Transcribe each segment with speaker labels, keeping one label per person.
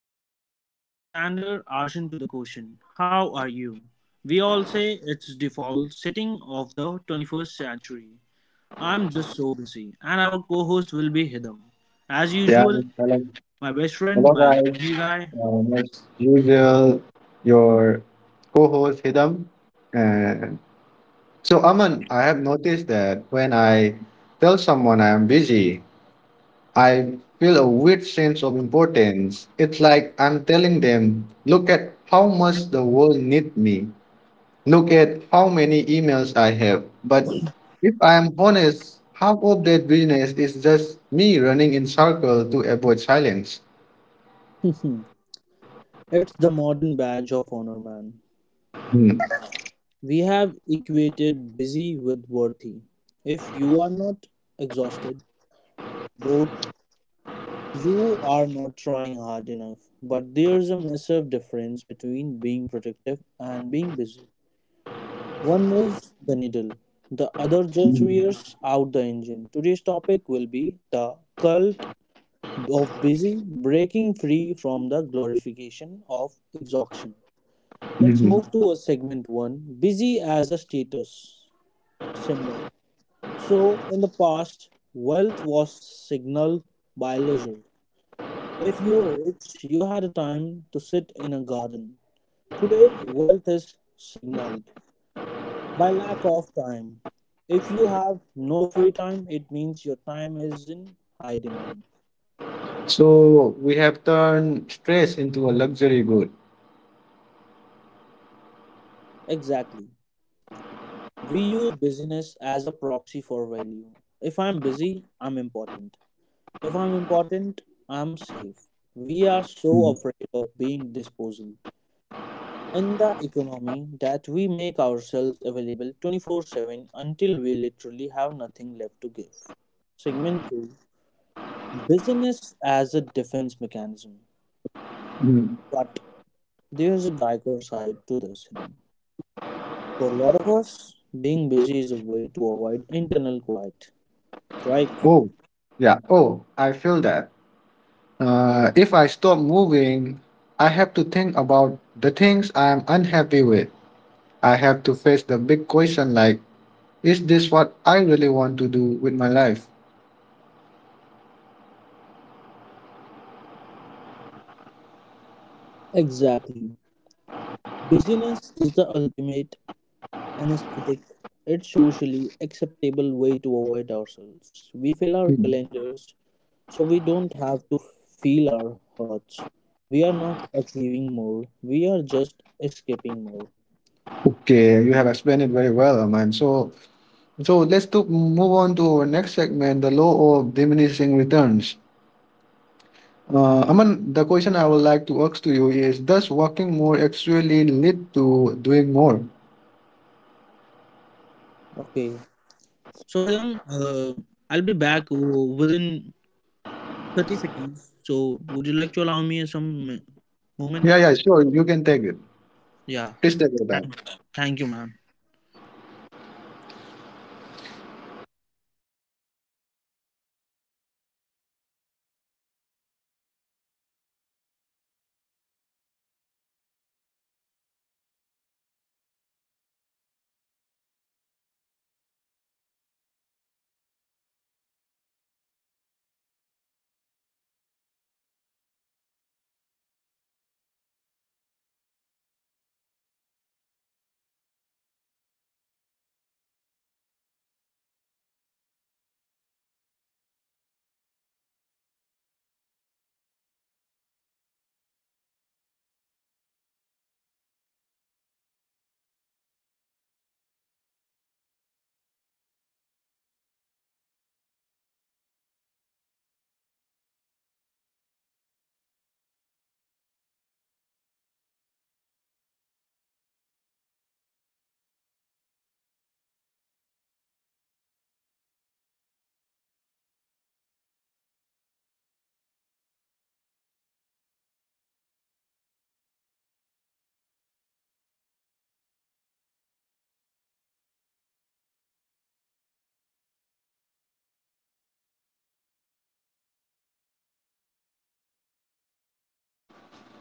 Speaker 1: today we are talking about the standard answer to the question, how are you? We all say it's default setting of the 21st century. I'm just so busy, and our co host will be Hidam. As
Speaker 2: Yeah,
Speaker 1: usual,
Speaker 2: hello,
Speaker 1: my best friend,
Speaker 2: hello
Speaker 1: my
Speaker 2: guys.
Speaker 1: lovely guy.
Speaker 2: As usual, your co-host Hidam. And so Aman, I have noticed that when I tell someone I am busy, I feel a weird sense of importance. It's like I'm telling them, look at how much the world needs me. Look at how many emails I have. But if I am honest, half of that business is just me running in circles to avoid silence.
Speaker 1: It's the modern badge of honor, man.
Speaker 2: Hmm.
Speaker 1: We have equated busy with worthy. If you are not exhausted, both You are not trying hard enough, but there's a massive difference between being productive and being busy. One moves the needle, the other just
Speaker 2: Mhm.
Speaker 1: rears out the engine. Today's topic will be the cult of busy, breaking free from the glorification of exhaustion. Let's
Speaker 2: Mhm.
Speaker 1: move to a segment one, busy as a status symbol. So, in the past, wealth was signaled by leisure. If you were rich, you had a time to sit in a garden. Today, wealth is signaled by lack of time. If you have no free time, it means your time is in high demand.
Speaker 2: So we have turned stress into a luxury good.
Speaker 1: Exactly. We use busyness as a proxy for value. If I'm busy, I'm important. If I'm important, I'm safe. We are so
Speaker 2: Mm.
Speaker 1: afraid of being disposable in the economy that we make ourselves available 24/7 until we literally have nothing left to give. Segment 2, business as a defense mechanism.
Speaker 2: Mm.
Speaker 1: But there's a darker side to this, hidden. For a lot of us, being busy is a way to avoid internal quiet, right?
Speaker 2: Oh, yeah. Oh, I feel that. If I stop moving, I have to think about the things I'm unhappy with. I have to face the big question like, is this what I really want to do with my life?
Speaker 1: Exactly. Busyness is the ultimate anesthetic. It's socially acceptable way to avoid ourselves. We fill our
Speaker 2: Mm.
Speaker 1: calendars so we don't have to feel our hurts. We are not achieving more, we are just escaping more.
Speaker 2: Okay, you have explained it very well, Aman. So let's to move on to our next segment, the law of diminishing returns. Aman, the question I would like to ask to you is, does working more actually lead to doing more?
Speaker 1: Okay, so Hiram, I'll be back within 30 seconds. So, would you like to allow me some
Speaker 2: Yeah,
Speaker 1: moment?
Speaker 2: yeah, sure. You can take it.
Speaker 1: Yeah,
Speaker 2: Please take it
Speaker 1: thank
Speaker 2: back.
Speaker 1: you. thank you, ma'am.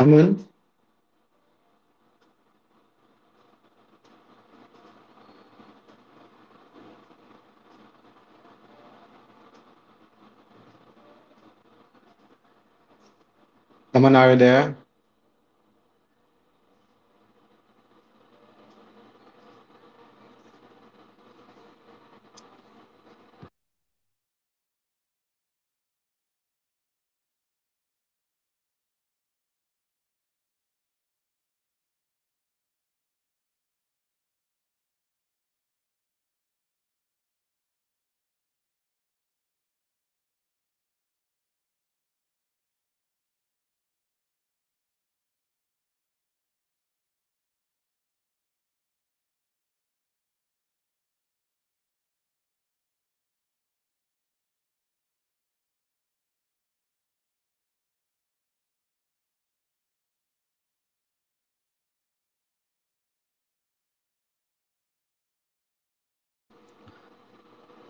Speaker 2: Aman, Aman, are you there?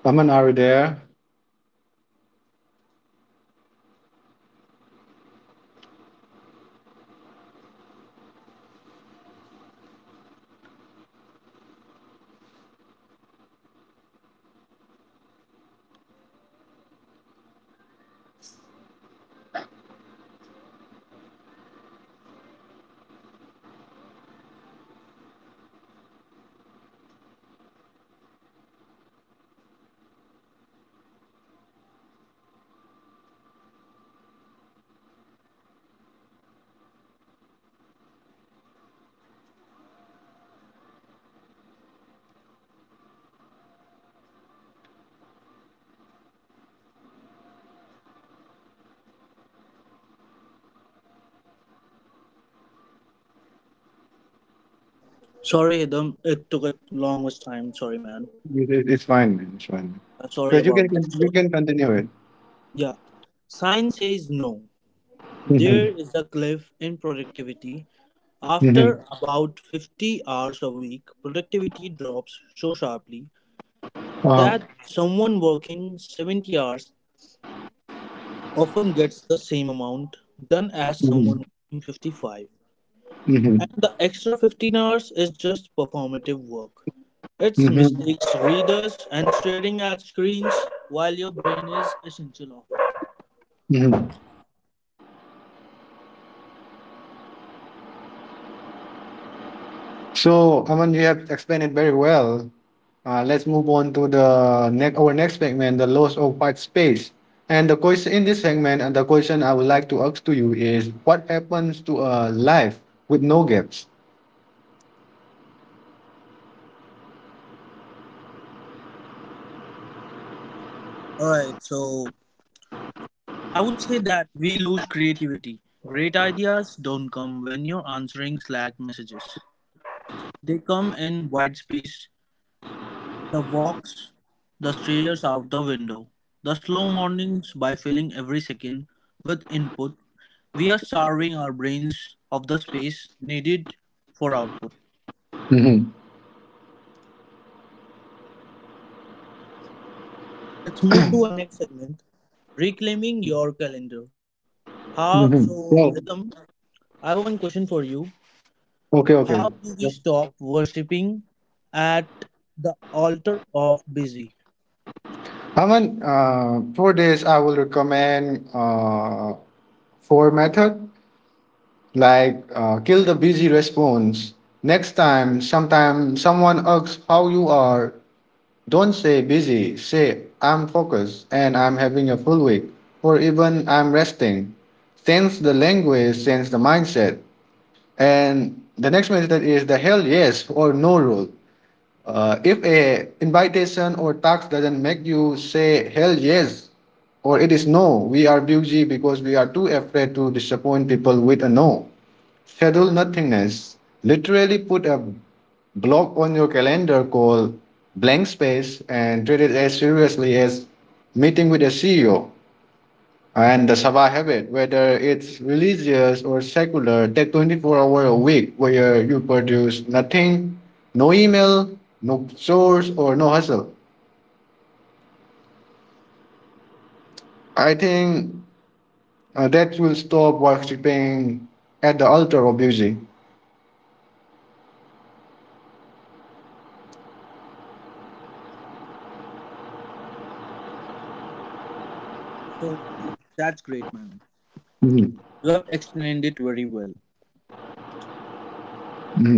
Speaker 2: Aman, are you there?
Speaker 1: Sorry, Hidam, it took a long much time. Sorry, man.
Speaker 2: It's fine, man. It's fine.
Speaker 1: Sorry
Speaker 2: But you can
Speaker 1: about that. So,
Speaker 2: you can continue it.
Speaker 1: yeah, sign says no. There
Speaker 2: Mm-hmm.
Speaker 1: is a cliff in productivity.
Speaker 2: Mm-hmm.
Speaker 1: After about 50 hours a week, productivity drops so sharply
Speaker 2: Uh,
Speaker 1: that someone working 70 hours often gets the same amount done as someone
Speaker 2: mm-hmm.
Speaker 1: working 55.
Speaker 2: Mm-hmm.
Speaker 1: And the extra 15 hours is just performative work. It's
Speaker 2: Mm-hmm.
Speaker 1: mistakes, readers, and staring at screens while your brain is essential off.
Speaker 2: Mm-hmm. So, Aman, you have explained it very well. Let's move on to the next our next segment, the loss of white space. And the question in this segment, and the question I would like to ask to you is, what happens to a life with no gaps?
Speaker 1: Alright, so I would say that we lose creativity. Great ideas don't come when you're answering Slack messages. They come in white space, the walks, the stares out the window, the slow mornings, by filling every second with input. We are starving our brains of the space needed for output.
Speaker 2: Hmm
Speaker 1: Let's move to our next segment, reclaiming your calendar. Ha,
Speaker 2: hmm
Speaker 1: so,
Speaker 2: Well,
Speaker 1: Rhythm, I have one question for you.
Speaker 2: okay, okay.
Speaker 1: How do we
Speaker 2: Yeah.
Speaker 1: stop worshipping at the altar of busy?
Speaker 2: Aman, for this, I will recommend four method kill the busy response. Next time, sometime someone asks how you are, don't say busy, say I'm focused and I'm having a full week, or even I'm resting. Change the language, change the mindset. And the next method is the hell yes or no rule. If a invitation or task doesn't make you say hell yes or it is no, we are busy because we are too afraid to disappoint people with a no. Schedule nothingness. Literally put a block on your calendar called blank space and treat it as seriously as meeting with a CEO. And the Sabah habit, whether it's religious or secular, take 24 hours a week where you produce nothing, no email, no chores, or no hustle. I think that will stop worshipping at the altar of music.
Speaker 1: So, that's great, man.
Speaker 2: Mhm,
Speaker 1: You have explained it very well.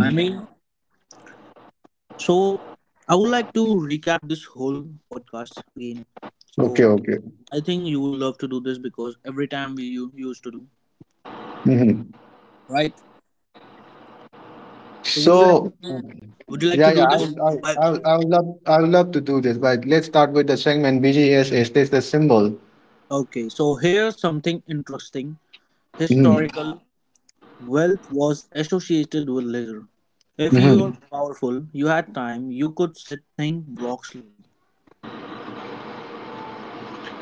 Speaker 1: I mean, so I would like to recap this whole podcast again.
Speaker 2: Okay,
Speaker 1: So
Speaker 2: okay.
Speaker 1: I think you will love to do this because every time we used to do,
Speaker 2: Mhm.
Speaker 1: right? So
Speaker 2: So,
Speaker 1: would you like to
Speaker 2: yeah,
Speaker 1: do
Speaker 2: yeah,
Speaker 1: this?
Speaker 2: I would, I would,
Speaker 1: By,
Speaker 2: I would, I would love to do this, but let's start with the segment BGS. Is this the symbol?
Speaker 1: okay. So here's something interesting,
Speaker 2: Mhm,
Speaker 1: historical. Wealth was associated with leisure. If you were
Speaker 2: mhm.
Speaker 1: powerful, you had time, you could sit, think, walk slowly.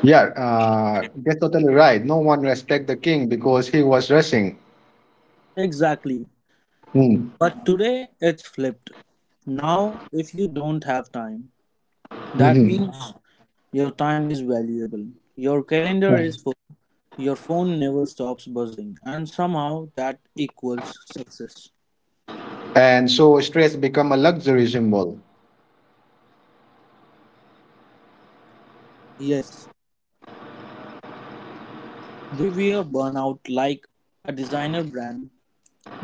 Speaker 2: Yeah, that's totally right. No one respect the king because he was rushing.
Speaker 1: Exactly.
Speaker 2: Mm,
Speaker 1: But today it's flipped. Now, if you don't have time, that
Speaker 2: mhm.
Speaker 1: means your time is valuable. Your calendar is full. Your phone never stops buzzing. And somehow that equals success.
Speaker 2: And so stress become a luxury symbol.
Speaker 1: Yes, we wear burnout like a designer brand.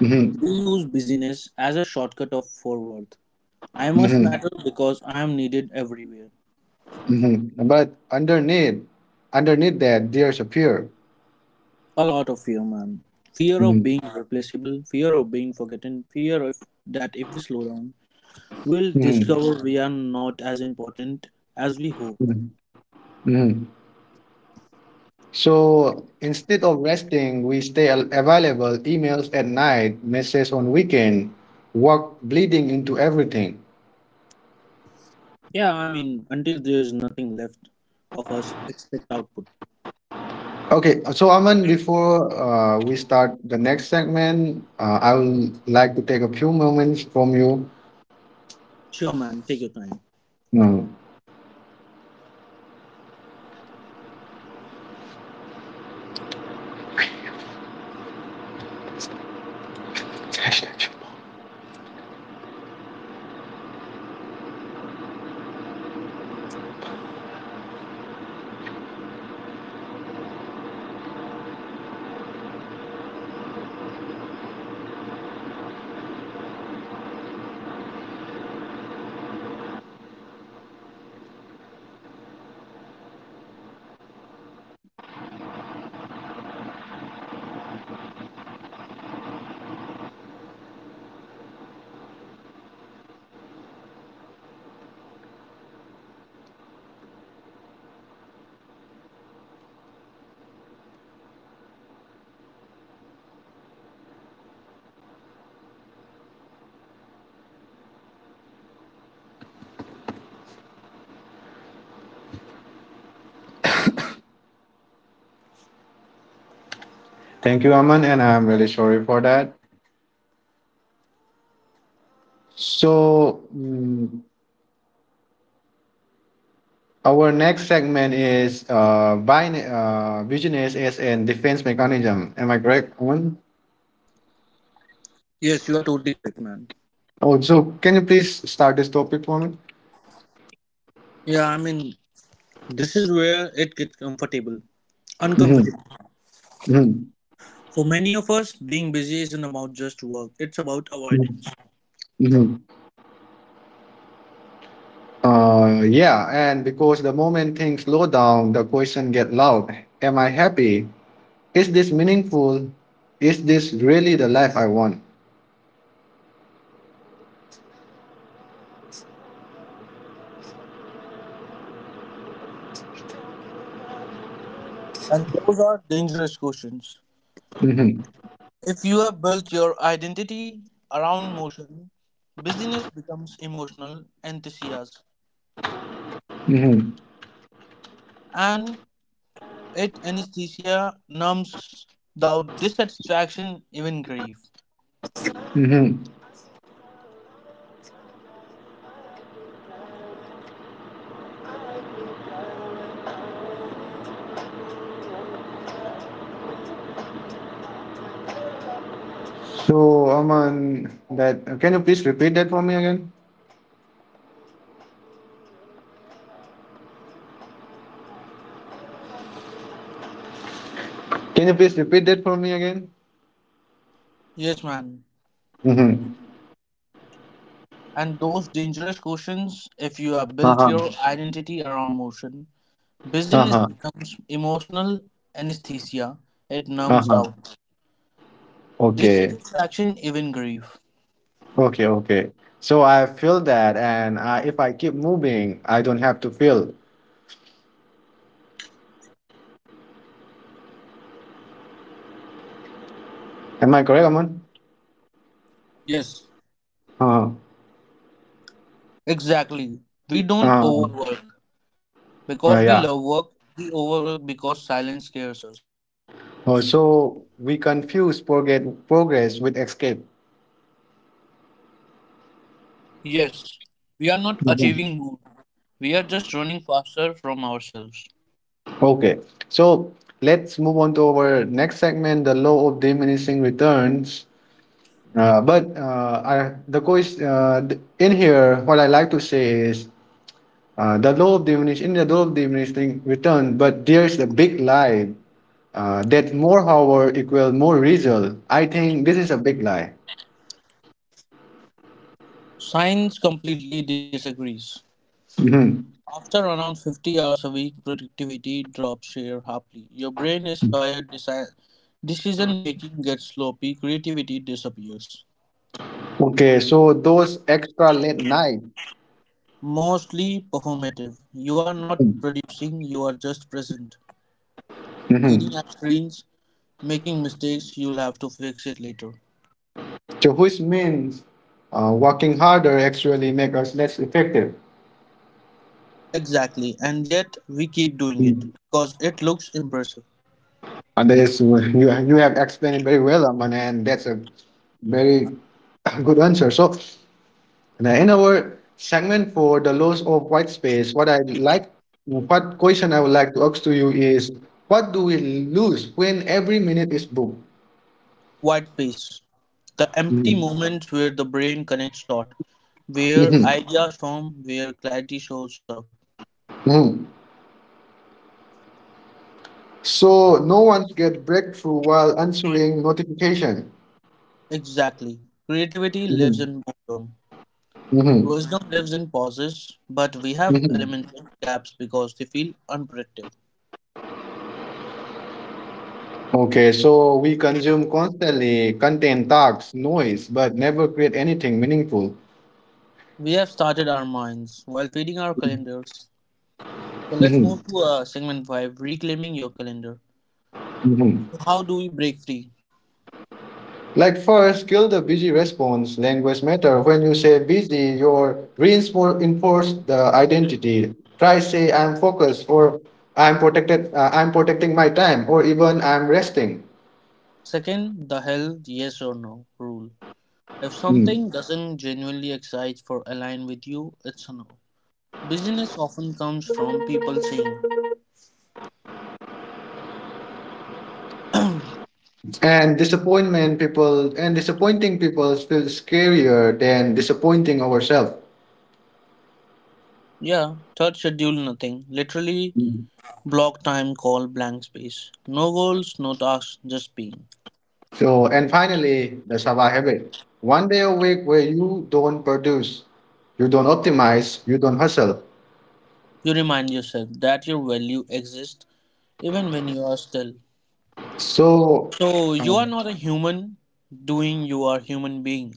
Speaker 2: Mhm,
Speaker 1: We use busyness as a shortcut of for worth. I must
Speaker 2: mhm,
Speaker 1: matter because I am needed everywhere.
Speaker 2: mhm. But underneath that, there's a fear.
Speaker 1: A lot of fear, man. Fear of
Speaker 2: Mhm,
Speaker 1: being replaceable, fear of being forgotten, fear of that if we slow down, we'll
Speaker 2: mhm,
Speaker 1: discover we are not as important as we hope.
Speaker 2: mhm, mhm. So instead of resting, we stay available, emails at night, messages on weekend, work bleeding into everything.
Speaker 1: Yeah, I mean, until there's nothing left of us, expect output.
Speaker 2: Okay, so Aman, before we start the next segment, I would like to take a few moments from you.
Speaker 1: Sure, man, take your time.
Speaker 2: Mm. Thank you, Aman, and I'm really sorry for that. So, our next segment is business as an defense mechanism. Am I correct, Aman?
Speaker 1: Yes, you are totally correct, man.
Speaker 2: Oh, so can you please start this topic for me?
Speaker 1: Yeah, I mean, this is where it gets comfortable.
Speaker 2: Hmm
Speaker 1: Uncomfortable. For many of us, being busy isn't about just work, it's about
Speaker 2: hmm
Speaker 1: avoidance.
Speaker 2: Yeah, and because the moment things slow down, the question get loud. Am I happy? Is this meaningful? Is this really the life I want?
Speaker 1: And those are dangerous questions.
Speaker 2: Mm-hmm.
Speaker 1: If you have built your identity around motion, business becomes emotional enthusiasm,
Speaker 2: Mm-hmm.
Speaker 1: and it anesthesia numbs doubt, dissatisfaction, even grief.
Speaker 2: Mm-hmm. So, Aman, that can you please repeat that for me again? Can you please repeat that for me again?
Speaker 1: Yes, man.
Speaker 2: Mm-hmm.
Speaker 1: And those dangerous questions, if you have built
Speaker 2: Uh-huh.
Speaker 1: your identity around motion, business
Speaker 2: Uh-huh.
Speaker 1: becomes emotional anesthesia, it numbs
Speaker 2: Uh-huh.
Speaker 1: out,
Speaker 2: Okay.
Speaker 1: dissatisfaction, even grief.
Speaker 2: Okay. Okay. So I feel that, if I keep moving, I don't have to feel. Am I correct, Aman?
Speaker 1: Yes.
Speaker 2: Uh-huh.
Speaker 1: Exactly. We don't
Speaker 2: Uh,
Speaker 1: overwork because we love
Speaker 2: yeah.
Speaker 1: work, we overwork because silence scares us.
Speaker 2: Oh, so we confuse progress with escape.
Speaker 1: Yes, we are not
Speaker 2: Mhm.
Speaker 1: achieving more. We are just running faster from ourselves.
Speaker 2: Okay. So let's move on to our next segment, the law of diminishing returns. But I, the ques- th- In here, what I like to say is the law of diminishing return. But there's a big lie that more hour equal more result. I think this is a big lie.
Speaker 1: Science completely disagrees.
Speaker 2: Mhm.
Speaker 1: After around 50 hours a week, productivity drops here sharply. Your brain is tired, decision making gets sloppy, creativity disappears.
Speaker 2: Okay, so those extra late night.
Speaker 1: Mostly performative. You are not producing, you are just present. Staring
Speaker 2: Mhm.
Speaker 1: at screens, making mistakes you'll have to fix it later.
Speaker 2: So which means working harder actually make us less effective.
Speaker 1: Exactly, and yet we keep doing it
Speaker 2: Mm.
Speaker 1: because it looks impressive.
Speaker 2: And that is you have explained it very well, Aman, and that's a very good answer. So now in our segment for the loss of white space, what question I would like to ask to you is, what do we lose when every minute is booked?
Speaker 1: White space, the empty
Speaker 2: Mhm.
Speaker 1: moments where the brain connects dot, where
Speaker 2: Mhm.
Speaker 1: ideas form, where clarity shows up.
Speaker 2: Mhm. So no one get breakthrough while answering notification.
Speaker 1: Exactly, creativity lives
Speaker 2: Mhm.
Speaker 1: in boredom,
Speaker 2: Mhm.
Speaker 1: wisdom lives in pauses, but we have
Speaker 2: Mhm.
Speaker 1: eliminated gaps because they feel unproductive.
Speaker 2: Okay, so we consume constantly content, talks, noise, but never create anything meaningful.
Speaker 1: We have started our minds while feeding our calendars. So let's
Speaker 2: Mhm,
Speaker 1: move to segment 5, reclaiming your calendar.
Speaker 2: mhm.
Speaker 1: How do we break free?
Speaker 2: Like first, kill the busy response. Language matter. When you say busy, your reinforce the identity. Try say I'm focused or I'm protected. I'm protecting my time or even I'm resting.
Speaker 1: Second, the hell yes or no rule. If
Speaker 2: Mm.
Speaker 1: something doesn't genuinely excite or align with you, it's a no. Business often comes from people saying,
Speaker 2: And disappointment people and disappointing people feels scarier than disappointing ourselves.
Speaker 1: yeah, third, schedule nothing. Literally
Speaker 2: Mm-hmm.
Speaker 1: block time, call blank space. No goals, no tasks, just being.
Speaker 2: So, and finally, the Sava habit. One day a week where you don't produce, you don't optimize, you don't hustle.
Speaker 1: You remind yourself that your value exists even when you are still.
Speaker 2: So,
Speaker 1: So you
Speaker 2: um,
Speaker 1: are not a human doing, you are a human being.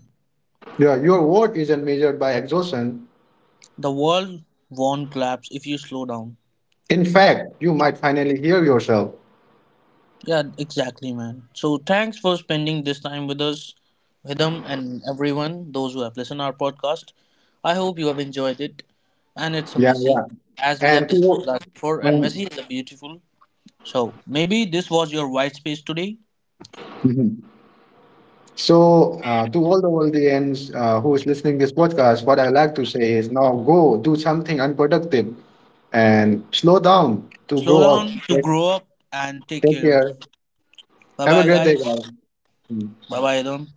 Speaker 2: yeah, your worth isn't measured by exhaustion.
Speaker 1: The world won't collapse if you slow down.
Speaker 2: In fact, you might finally hear yourself.
Speaker 1: Yeah, exactly, man. So thanks for spending this time with us, Vidham, and everyone, those who have listened our podcast. I hope you have enjoyed it. And it's a
Speaker 2: Yeah,
Speaker 1: Messi,
Speaker 2: yeah.
Speaker 1: as we have
Speaker 2: And
Speaker 1: discussed
Speaker 2: to
Speaker 1: last before, and
Speaker 2: um,
Speaker 1: Messi is a beautiful. So maybe this was your white space today.
Speaker 2: mhm. So to all the audience who is listening this podcast, what I like to say is now go do something unproductive and slow down to
Speaker 1: Slow
Speaker 2: grow up.
Speaker 1: down to grow up and take
Speaker 2: Take
Speaker 1: care.
Speaker 2: care.
Speaker 1: Bye
Speaker 2: Have a
Speaker 1: bye,
Speaker 2: great day, guys.
Speaker 1: guys.
Speaker 2: Mm.
Speaker 1: Bye bye, Vidham.